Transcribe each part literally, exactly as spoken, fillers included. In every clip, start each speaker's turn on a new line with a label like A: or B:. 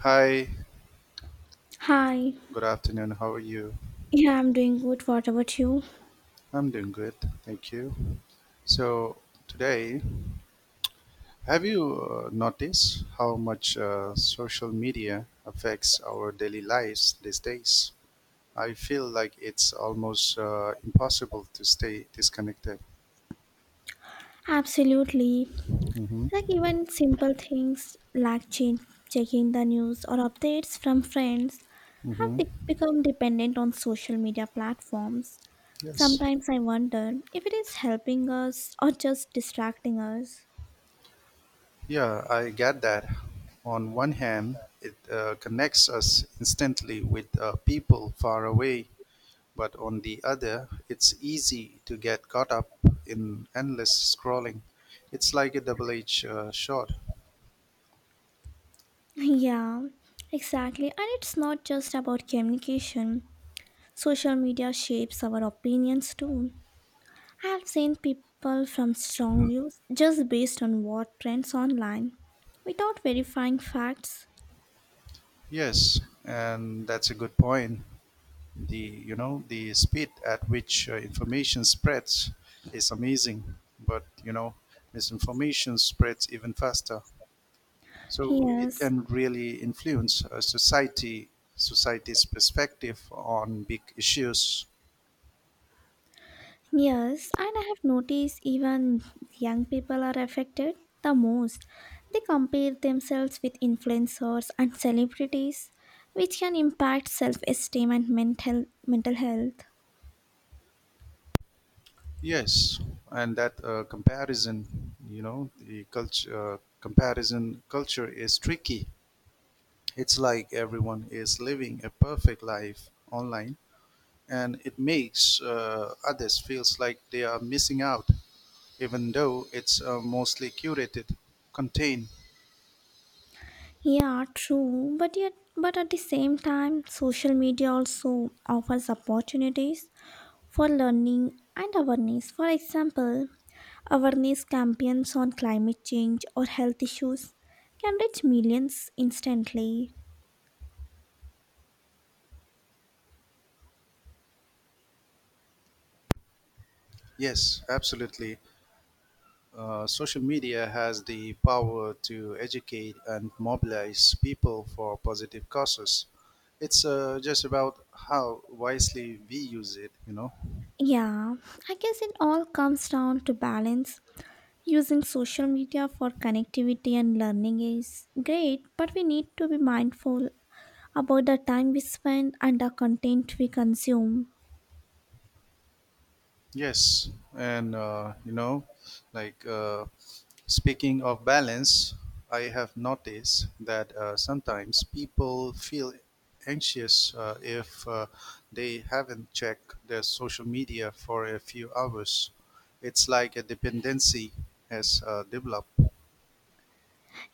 A: Hi,
B: Hi.
A: good afternoon. How are you?
B: Yeah, I'm doing good. What about you?
A: I'm doing good, thank you. So, today, have you uh, noticed how much uh, social media affects our daily lives these days? I feel like it's almost uh, impossible to stay disconnected.
B: Absolutely.
A: Mm-hmm.
B: Like even simple things like change, checking the news or updates from friends have
A: Mm-hmm.
B: be- become dependent on social media platforms.
A: Yes.
B: Sometimes I wonder if it is helping us or just distracting us.
A: Yeah, I get that. On one hand, it uh, connects us instantly with uh, people far away. But on the other, it's easy to get caught up in endless scrolling. It's like a double-edged uh, sword.
B: Yeah, exactly. And it's not just about communication. Social media shapes our opinions too. I have seen people from strong views just based on what trends online without verifying facts.
A: Yes, and that's a good point. The you know the speed at which uh, information spreads is amazing, but you know misinformation spreads even faster. So it
B: Yes,
A: can really influence a society society's perspective on big issues.
B: yes, and I have noticed even young people are affected the most. They compare themselves with influencers and celebrities, which can impact self-esteem and mental mental health.
A: Yes, and that uh, comparison, you know, the culture uh, comparison culture is tricky. It's like everyone is living a perfect life online, and it makes uh, others feels like they are missing out, even though it's uh, mostly curated, contained.
B: Yeah, true, but yet but at the same time, social media also offers opportunities for learning and awareness. For example, awareness campaigns on climate change or health issues can reach millions instantly.
A: Yes, absolutely. Uh, social media has the power to educate and mobilize people for positive causes. It's uh, just about how wisely we use it, you know.
B: Yeah, I guess it all comes down to balance. Using social media for connectivity and learning is great, but we need to be mindful about the time we spend and the content we consume.
A: Yes, and uh, you know, like uh, speaking of balance, I have noticed that uh, sometimes people feel anxious uh, if uh, they haven't checked their social media for a few hours. It's like a dependency has uh, developed.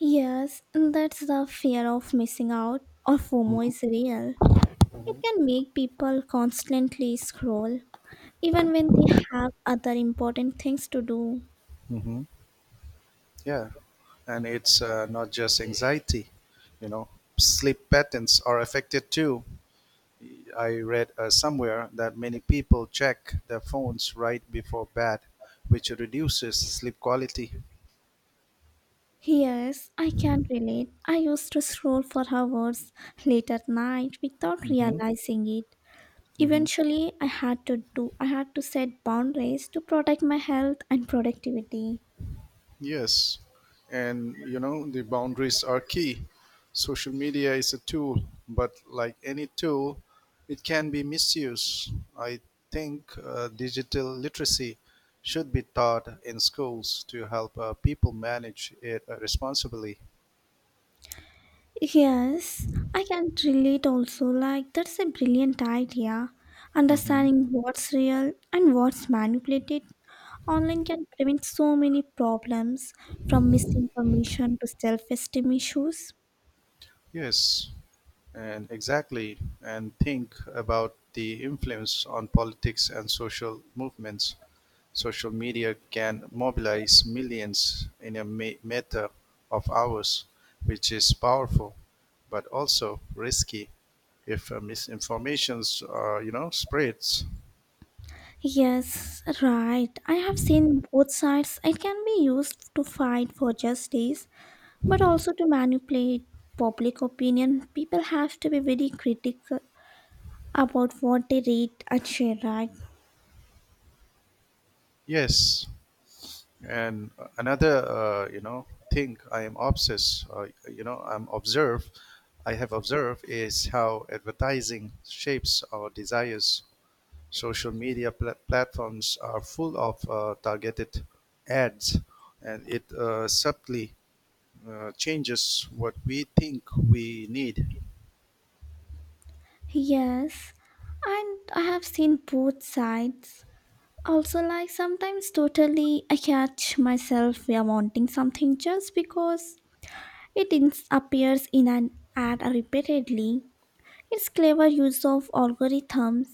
B: Yes, that's the fear of missing out or FOMO
A: Hmm.
B: is real. It can make people constantly scroll, even when they have other important things to do.
A: Hmm. Yeah, and it's uh, not just anxiety, you know, sleep patterns are affected too. I read uh, somewhere that many people check their phones right before bed, which reduces sleep quality.
B: Yes, I can relate. I used to scroll for hours late at night without
A: Hmm.
B: realizing it.
A: Hmm.
B: Eventually, I had to do I had to set boundaries to protect my health and productivity.
A: Yes, and you know, the boundaries are key. Social media is a tool, but like any tool, it can be misused. I think uh, digital literacy should be taught in schools to help uh, people manage it uh, responsibly.
B: Yes, I can relate also, like that's a brilliant idea. Understanding what's real and what's manipulated online can prevent so many problems, from misinformation to self esteem issues.
A: Yes, and exactly. And think about the influence on politics and social movements. Social media can mobilize millions in a ma- matter of hours, which is powerful, but also risky if uh, misinformations, uh, you know, spreads.
B: Yes, right. I have seen both sides. It can be used to fight for justice, but also to manipulate public opinion. People have to be very critical about what they read and share, right?
A: Yes. And another, uh, you know, thing I am obsessed, uh, you know, I'm observe, I have observed is how advertising shapes our desires. Social media pla- platforms are full of uh, targeted ads, and it uh, subtly uh, changes what we think we need.
B: Yes, and I have seen both sides. Also, like sometimes, totally, I catch myself we are wanting something just because It ins- appears in an ad repeatedly. It's clever use of algorithms,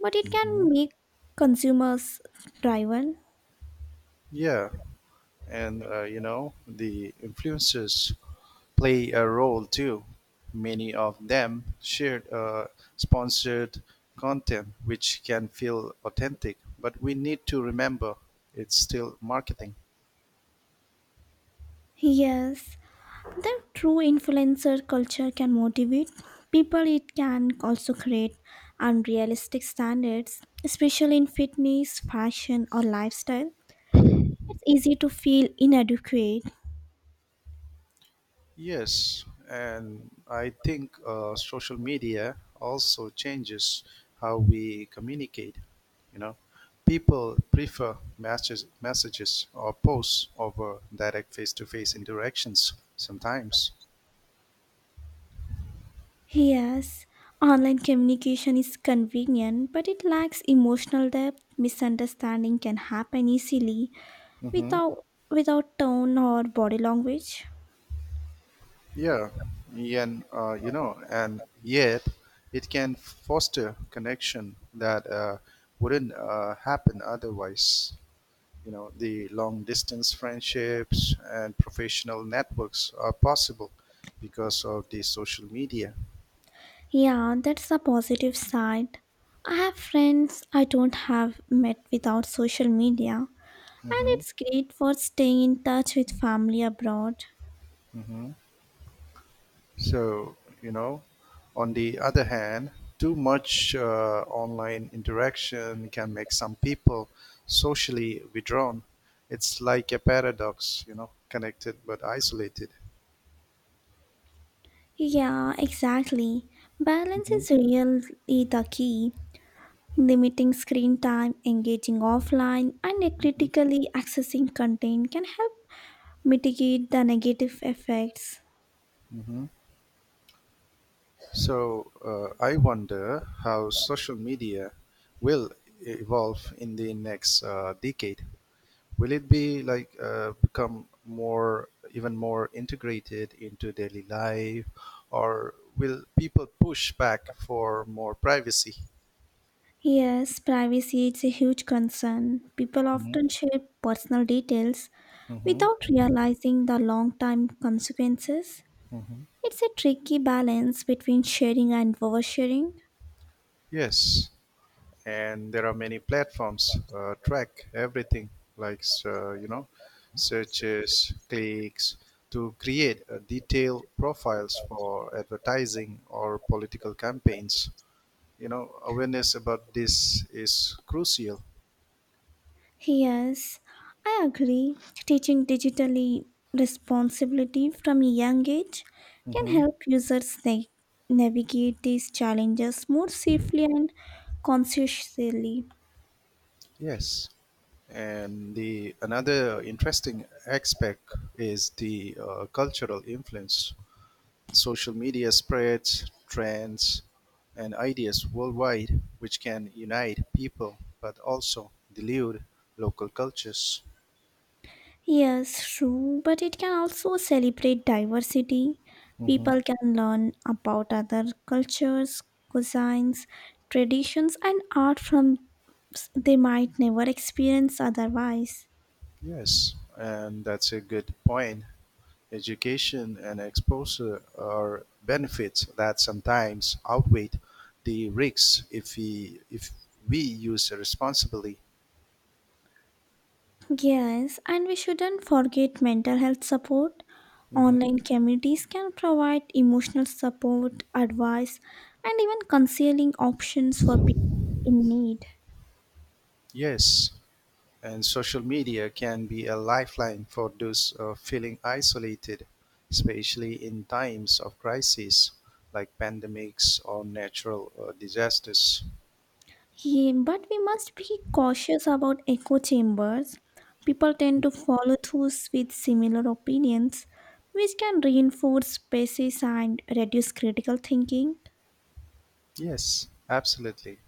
B: but it can
A: Mhm.
B: make consumers driven.
A: Yeah, and uh, you know, the influencers play a role too; many of them shared a sponsored content which can feel authentic, but we need to remember it's still marketing.
B: Yes, the true influencer culture can motivate people. It can also create unrealistic standards, especially in fitness, fashion, or lifestyle. It's easy to feel inadequate.
A: Yes, and I think uh, social media also changes how we communicate. You know, people prefer messages, messages or posts over direct face-to-face interactions sometimes.
B: Yes, online communication is convenient, but it lacks emotional depth. Misunderstanding can happen easily
A: Mhm.
B: without without tone or body language.
A: Yeah, and uh, you know, and yet it can foster connection that uh, wouldn't uh, happen otherwise. You know, the long distance friendships and professional networks are possible because of the social media.
B: Yeah, that's the positive side. I have friends I don't have met without social media, and
A: Hmm.
B: it's great for staying in touch with family abroad.
A: Hmm. So, you know, on the other hand, too much uh, online interaction can make some people socially withdrawn. It's like a paradox, you know, connected but isolated.
B: Yeah, exactly. Balance
A: Hmm.
B: is really the key. Limiting screen time, engaging offline, and
A: Hmm.
B: critically accessing content can help mitigate the negative effects.
A: Hmm. So, uh, I wonder how social media will evolve in the next uh, decade. Will it be like uh, become more, even more integrated into daily life, or will people push back for more privacy?
B: Yes, privacy is a huge concern. People
A: Mhm,
B: often share personal details
A: mhm,
B: without realizing the long term consequences.
A: mhm.
B: It's a tricky balance between sharing and oversharing.
A: Yes, and there are many platforms uh, track everything, like uh, you know, searches, clicks, to create uh, detailed profiles for advertising or political campaigns. You know, awareness about this is crucial.
B: Yes, I agree. Teaching digitally responsibility from a young age can help users na- navigate these challenges more safely and consciously.
A: Yes, and the another interesting aspect is the uh, cultural influence. Social media spreads trends and ideas worldwide, which can unite people but also dilute local cultures.
B: Yes, true, but it can also celebrate diversity.
A: Hmm.
B: People can learn about other cultures, cuisines, traditions, and art from s- they might never experience otherwise.
A: Yes, and that's a good point. Education and exposure are benefits that sometimes outweigh the risks if we if we use it responsibly.
B: Yes, and we shouldn't forget mental health support.
A: Mhm.
B: Online communities can provide emotional support, advice, and even counseling options for people in need.
A: Yes, and social media can be a lifeline for those uh, feeling isolated, especially in times of crisis like pandemics or natural uh, disasters.
B: Yeah, but we must be cautious about echo chambers. People tend to
A: Mhm.
B: follow those with similar opinions, which can reinforce biases and reduce critical thinking.
A: Yes, absolutely.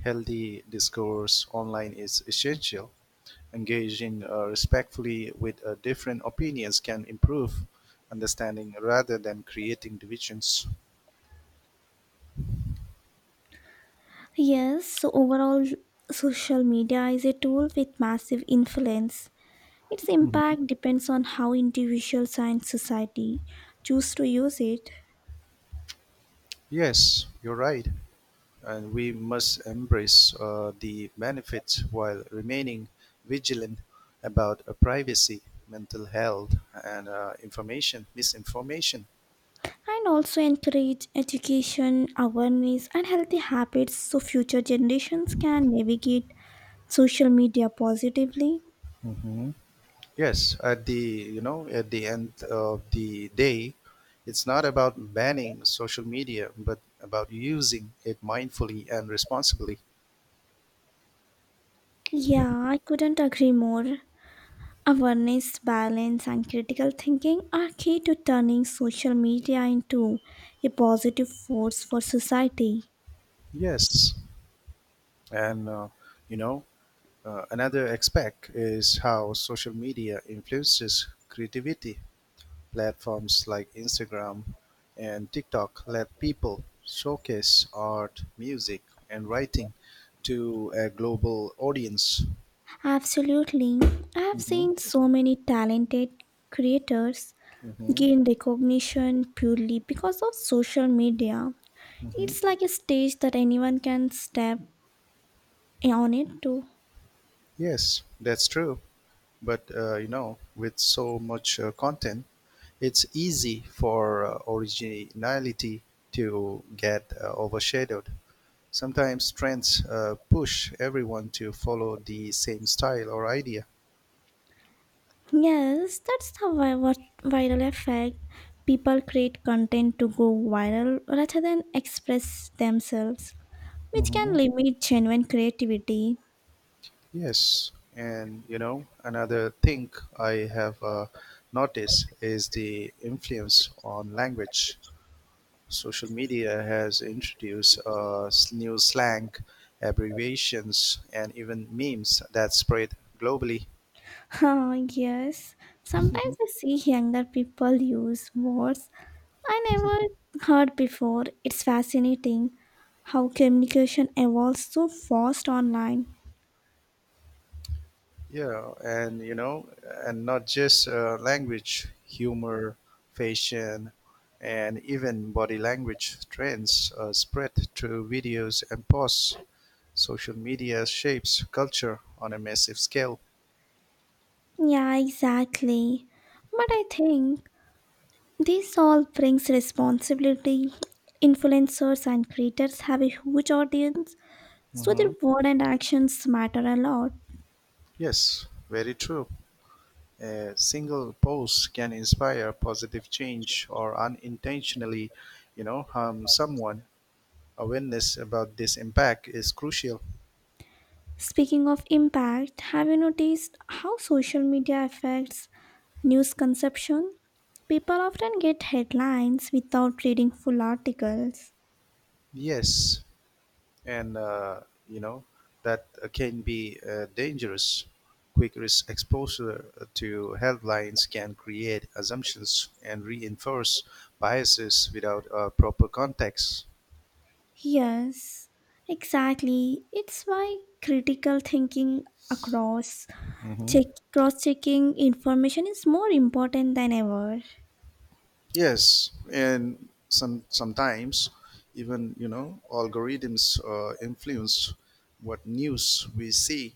A: Healthy discourse online is essential. Engaging uh, respectfully with uh, different opinions can improve understanding rather than creating divisions.
B: Yes, so overall, social media is a tool with massive influence. Its
A: Mhm.
B: impact depends on how individuals and society choose to use it,
A: Yes, you're right. And we must embrace uh, the benefits while remaining vigilant about uh, privacy, mental health, and uh, information misinformation.
B: and also encourage education, awareness, and healthy habits so future generations can navigate social media positively.
A: Hmm. Yes, at the you know at the end of the day, it's not about banning social media, but about using it mindfully and responsibly.
B: Yeah, I couldn't agree more. Awareness, balance, and critical thinking are key to turning social media into a positive force for society.
A: Yes, and uh, you know uh, another aspect is how social media influences creativity. Platforms like Instagram and TikTok let people showcase art, music, and writing to a global audience.
B: Absolutely. I have
A: Hmm.
B: seen so many talented creators
A: Hmm.
B: gain recognition purely because of social media.
A: Hmm.
B: It's like a stage that anyone can step on it to.
A: Yes, that's true. But uh, you know, with so much uh, content, it's easy for uh, originality to get uh, overshadowed. Sometimes trends uh, push everyone to follow the same style or idea.
B: Yes, that's the vi- what- viral effect. People create content to go viral rather than express themselves, which can
A: Mm-hmm.
B: limit genuine creativity.
A: Yes, and you know, another thing I have uh, noticed is the influence on language. Social media has introduced uh, s- new slang, abbreviations, and even memes that spread globally.
B: Ah yes, sometimes
A: Mhm.
B: I see younger people use words I never heard before. It's fascinating how communication evolves so fast online.
A: Yeah, and you know, and not just uh, language, humor, fashion, and even body language trends uh, spread through videos and posts. Social media shapes culture on a massive scale.
B: Yeah, exactly. But I think this all brings responsibility. Influencers and creators have a huge audience, so their
A: Hmm.
B: word and actions matter a lot.
A: Yes, very true. A single post can inspire positive change or unintentionally, you know, harm someone. Awareness about this impact is crucial.
B: Speaking of impact, have you noticed how social media affects news consumption? People often get headlines without reading full articles.
A: Yes, and uh, you know that uh, can be uh, dangerous. Quick risk exposure to headlines can create assumptions and reinforce biases without a proper context.
B: Yes, exactly. It's why critical thinking, across
A: Mm-hmm.
B: check cross checking information, is more important than ever.
A: Yes, and some sometimes even you know algorithms uh, influence what news we see.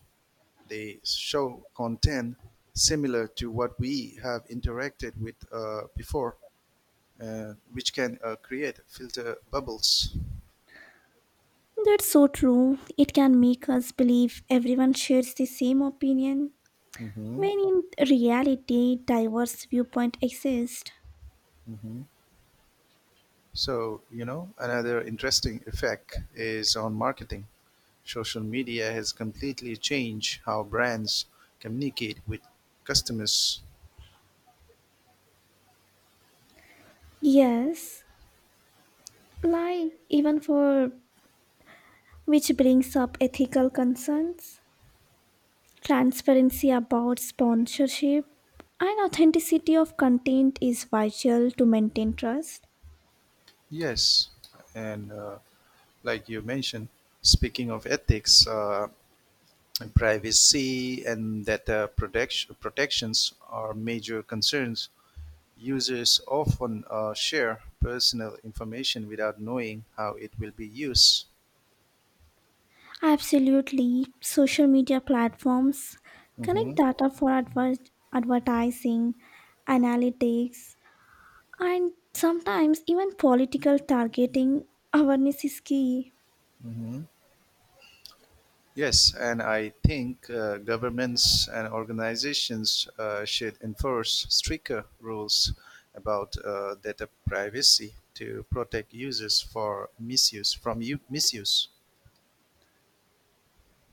A: They show content similar to what we have interacted with uh, before, uh, which can uh, create filter bubbles.
B: That's so true. It can make us believe everyone shares the same opinion
A: Mm-hmm.
B: when in reality diverse viewpoint exist.
A: Mm-hmm. So you know another interesting effect is on marketing. Social media has completely changed how brands communicate with customers.
B: Yes, like even for which brings up ethical concerns. Transparency about sponsorship and authenticity of content is vital to maintain trust.
A: Yes, and uh, like you mentioned, speaking of ethics, uh, and privacy and data protection protections are major concerns. Users often uh, share personal information without knowing how it will be used.
B: Absolutely, social media platforms
A: Hmm.
B: collect data for adver- advertising, analytics, and sometimes even political targeting. Awareness is key.
A: Hmm. Yes, and I think uh, governments and organizations uh, should enforce stricter rules about uh, data privacy to protect users for misuse from u- misuse.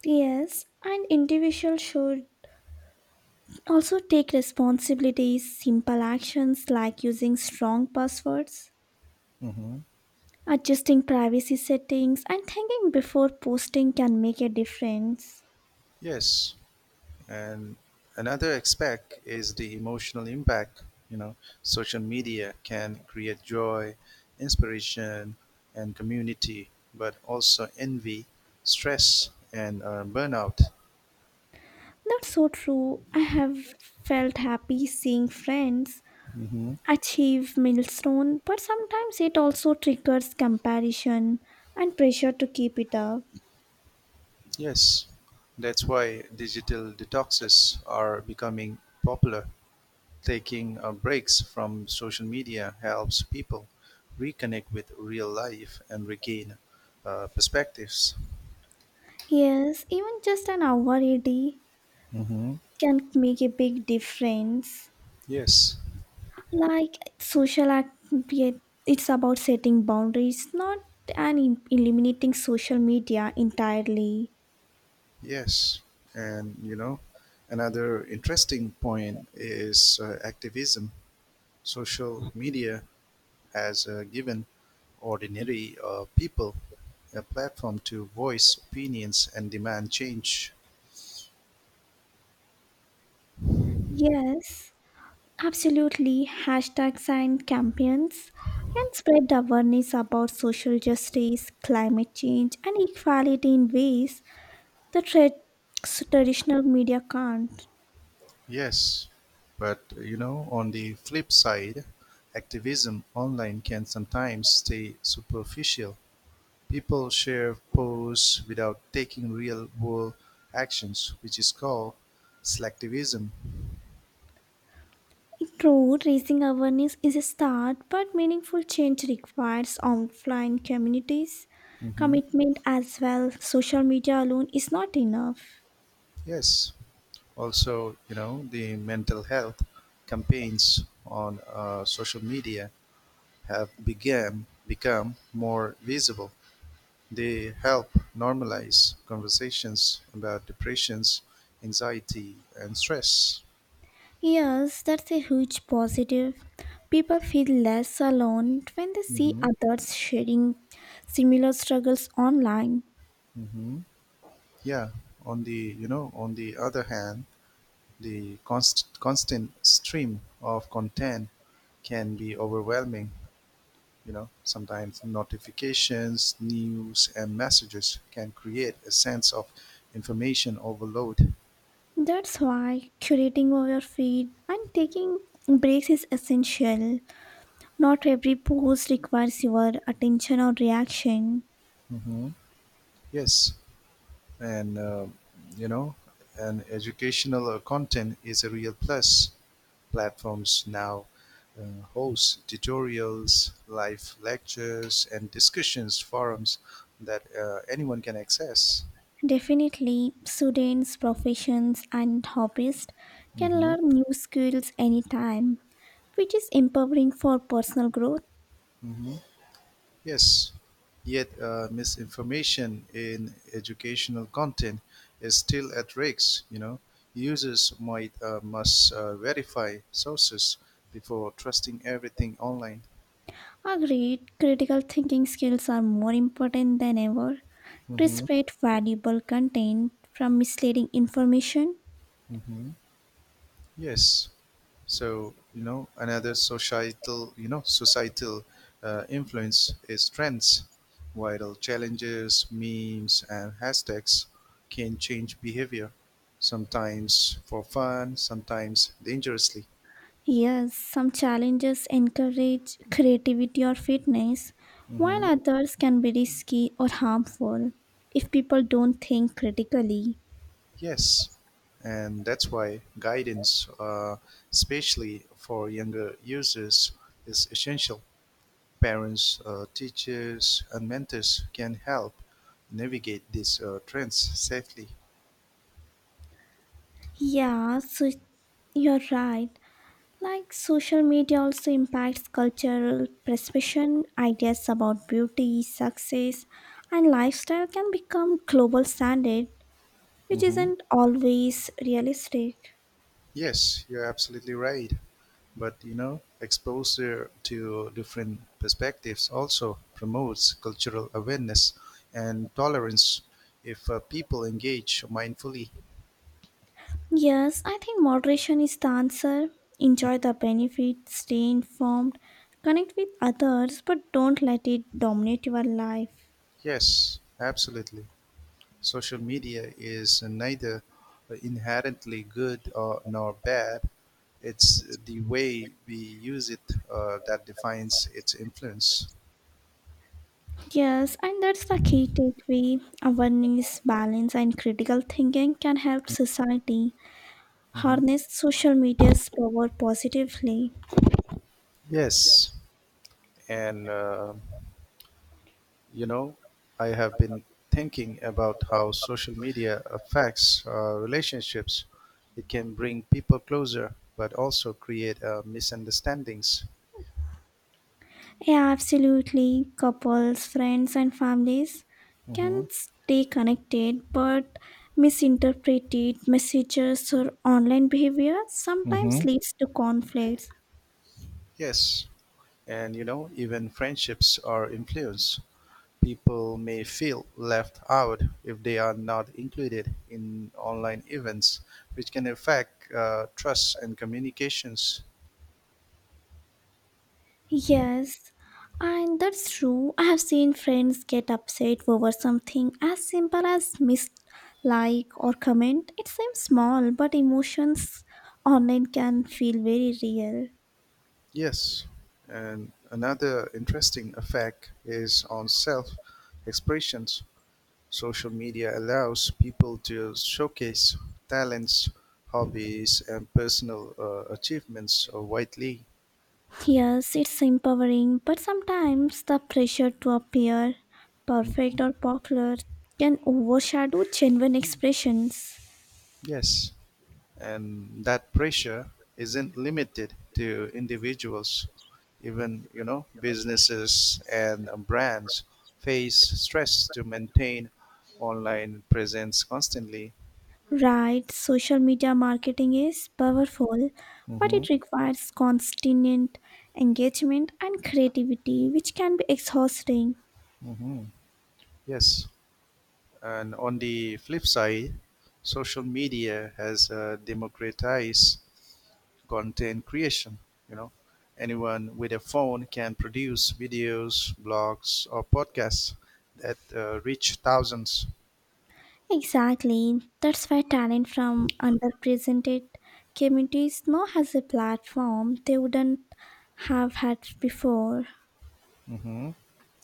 B: Yes, and individuals should also take responsibilities. Simple actions like using strong passwords,
A: Hmm.
B: adjusting privacy settings, and thinking before posting can make a difference.
A: Yes, and another aspect is the emotional impact. You know, social media can create joy, inspiration, and community, but also envy, stress, and uh, burnout.
B: That's so true. I have felt happy seeing friends achieve milestone, but sometimes it also triggers comparison and pressure to keep it up.
A: Yes, that's why digital detoxes are becoming popular. Taking uh, breaks from social media helps people reconnect with real life and regain uh, perspectives.
B: Yes, even just an hour a day
A: Hmm.
B: can make a big difference.
A: Yes,
B: Like social act, it's about setting boundaries, not and eliminating social media entirely.
A: yes. And you know, another interesting point is uh, activism. Social media has uh, given ordinary uh, people a platform to voice opinions and demand change.
B: Yes, absolutely. Hashtags and campaigns can spread awareness about social justice, climate change, and equality in ways that tra- s- traditional media can't.
A: Yes, but you know, on the flip side, activism online can sometimes stay superficial. People share posts without taking real world actions, which is called selectivism.
B: True, raising awareness is a start, but meaningful change requires offline communities
A: Hmm.
B: commitment as well. Social media alone is not enough.
A: Yes, also, you know, the mental health campaigns on uh, social media have began become more visible. They help normalize conversations about depressions, anxiety, and stress.
B: Yes, that's a huge positive. People feel less alone when they see
A: Hmm.
B: others sharing similar struggles online.
A: Hmm. Yeah. On the you know, on the other hand, the const- constant stream of content can be overwhelming. You know, sometimes notifications, news, and messages can create a sense of information overload.
B: That's why curating your feed and taking breaks is essential. Not every post requires your attention or reaction.
A: Hmm. Yes, and uh, you know and educational uh, content is a real plus. Platforms now uh, host tutorials live lectures and discussions forums that uh, anyone can access.
B: Definitely, students, professions, and hobbyists can
A: Hmm.
B: learn new skills anytime, which is empowering for personal growth.
A: Hmm. Yes, yet uh, misinformation in educational content is still at risk. You know, users might uh, must uh, verify sources before trusting everything online.
B: Agreed, critical thinking skills are more important than ever to separate valuable content from misleading information.
A: Hmm. Yes. So you know another societal, you know, societal uh, influence is trends, viral challenges, memes, and hashtags can change behavior, sometimes for fun, sometimes dangerously.
B: Yes, some challenges encourage creativity or fitness, while
A: Hmm.
B: others can be risky or harmful if people don't think critically.
A: Yes, and that's why guidance, uh, especially for younger users, is essential. Parents, uh, teachers, and mentors can help navigate these uh, trends safely.
B: Yeah, so you're right. Like social media also impacts cultural perception. Ideas about beauty, success, and lifestyle can become global standard, which
A: Hmm.
B: isn't always realistic.
A: Yes, you're absolutely right. But you know, exposure to different perspectives also promotes cultural awareness and tolerance if uh, people engage mindfully.
B: Yes, I think moderation is the answer. Enjoy the benefits, stay informed, connect with others, but don't let it dominate your life.
A: Yes, absolutely. Social media is neither inherently good or, nor bad. It's the way we use it uh, that defines its influence.
B: Yes, and that's the key takeaway. Awareness, balance, and critical thinking can help society
A: Hmm.
B: harness social media's power positively.
A: Yes, and uh, you know, I have been thinking about how social media affects uh, relationships. It can bring people closer, but also create uh, misunderstandings.
B: Yeah, absolutely. Couples, friends, and families can
A: Hmm.
B: stay connected, but misinterpreted messages or online behavior sometimes
A: Hmm.
B: leads to conflicts.
A: Yes, and you know, even friendships are influenced. People may feel left out if they are not included in online events, which can affect uh, trust and communications.
B: Yes, and that's true. I have seen friends get upset over something as simple as missed like or comment. It seems small, but emotions online can feel very real.
A: Yes, and another interesting effect is on self expressions. Social media allows people to showcase talents, hobbies, and personal uh, achievements uh, widely.
B: Yes, it's empowering, but sometimes the pressure to appear perfect
A: Mhm.
B: or popular can overshadow genuine expressions.
A: Yes. And that pressure isn't limited to individuals, even you know businesses and uh, brands face stress to maintain online presence constantly.
B: Right, social media marketing is powerful, but
A: Hmm.
B: it requires constant engagement and creativity, which can be exhausting.
A: Hmm. Yes, and on the flip side social media has uh, democratized content creation. You know, anyone with a phone can produce videos blogs or podcasts that uh, reach thousands.
B: Exactly, that's why talent from underrepresented communities now has a platform they wouldn't have had before.
A: Hmm.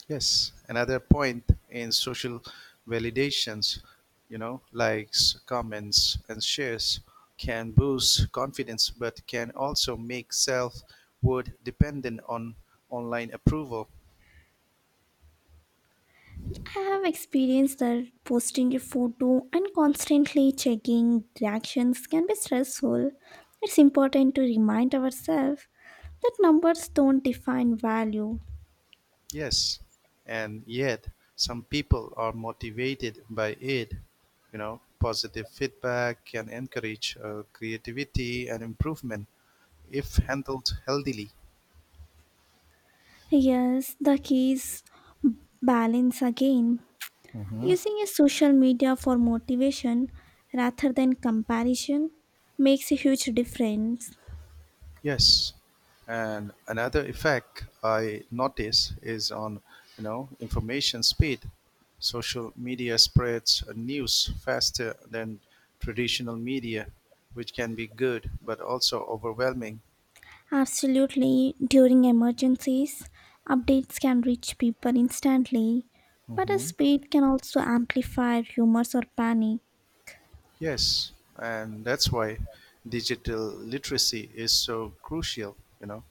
A: Yes, another point in social validations, you know, likes, comments, and shares can boost confidence, but can also make self worth dependent on online approval.
B: I have experienced that posting a photo and constantly checking reactions can be stressful. It's important to remind ourselves that numbers don't define value.
A: Yes, and yet some people are motivated by it. You know, positive feedback can encourage uh, creativity and improvement if handled healthily.
B: Yes, the key is balance again. Using a social media for motivation rather than comparison makes a huge difference.
A: Yes, and another effect I notice is on you know information speed. Social media spreads news faster than traditional media, which can be good but also overwhelming.
B: Absolutely, during emergencies, updates can reach people instantly, but a
A: Mhm.
B: speed can also amplify rumors or panic.
A: Yes, and that's why digital literacy is so crucial. You know,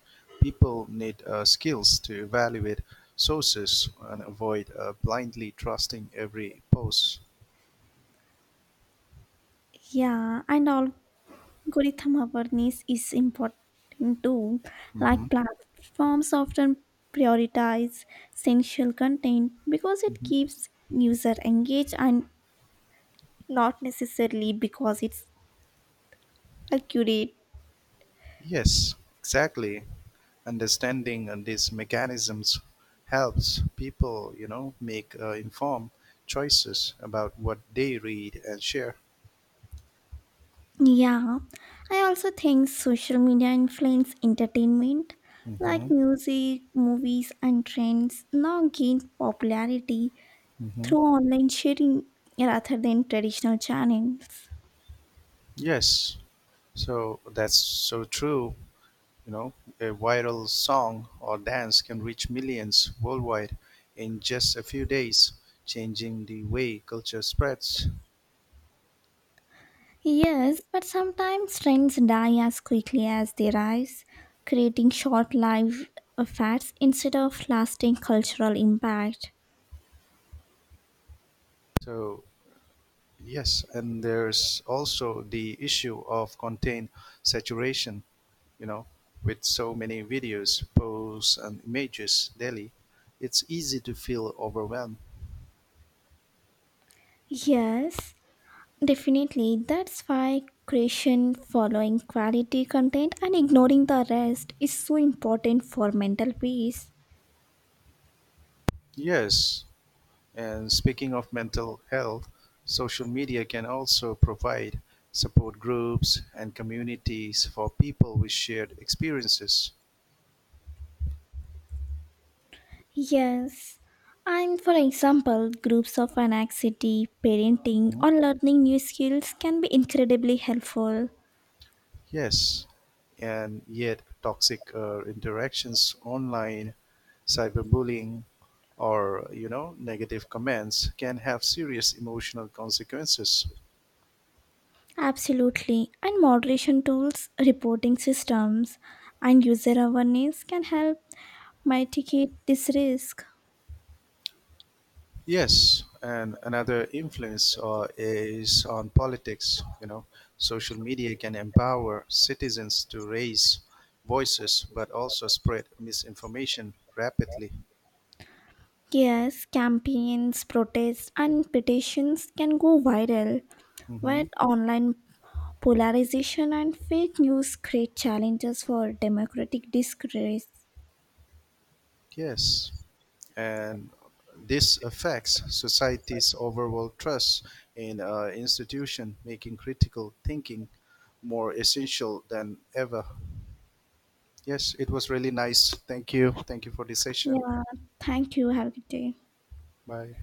A: people need uh, skills to evaluate sources and avoid uh, blindly trusting every post.
B: Yeah, and algorithm awareness is important too.
A: Mhm.
B: Like platforms often prioritize essential content because it keeps user engaged and not necessarily because it's accurate.
A: Yes, exactly. Understanding uh, these mechanisms helps people, you know, make uh, informed choices about what they read and share.
B: Yeah, I also think social media influence entertainment, like
A: Mm-hmm.
B: music, movies, and trends now gain popularity
A: Mm-hmm.
B: through online sharing rather than traditional channels.
A: Yes. So that's so true. You know, a viral song or dance can reach millions worldwide in just a few days, changing the way culture spreads.
B: Yes, but sometimes trends die as quickly as they rise, creating short lived effects instead of lasting cultural impact.
A: So yes, and there's also the issue of content saturation, you know, with so many videos, posts, and images daily, it's easy to feel overwhelmed.
B: Yes, definitely, that's why creation, following quality content, and ignoring the rest is so important for mental peace.
A: Yes, and speaking of mental health, social media can also provide support groups and communities for people with shared experiences.
B: Yes, and for example, groups of anxiety, parenting, or learning new skills can be incredibly helpful.
A: Yes, and yet toxic uh, interactions online, cyberbullying, or you know negative comments can have serious emotional consequences.
B: Absolutely, and moderation tools, reporting systems, and user awareness can help mitigate this risk.
A: Yes, and another influence uh, is on politics. You know, social media can empower citizens to raise voices, but also spread misinformation rapidly.
B: Yes, campaigns, protests, and petitions can go viral
A: Hmm.
B: where online polarization and fake news create challenges for democratic discourse.
A: Yes. And this affects society's overall trust in uh, institution, making critical thinking more essential than ever. Yes, it was really nice. Thank you. Thank you for this session.
B: Yeah, thank you. Have a good day.
A: Bye.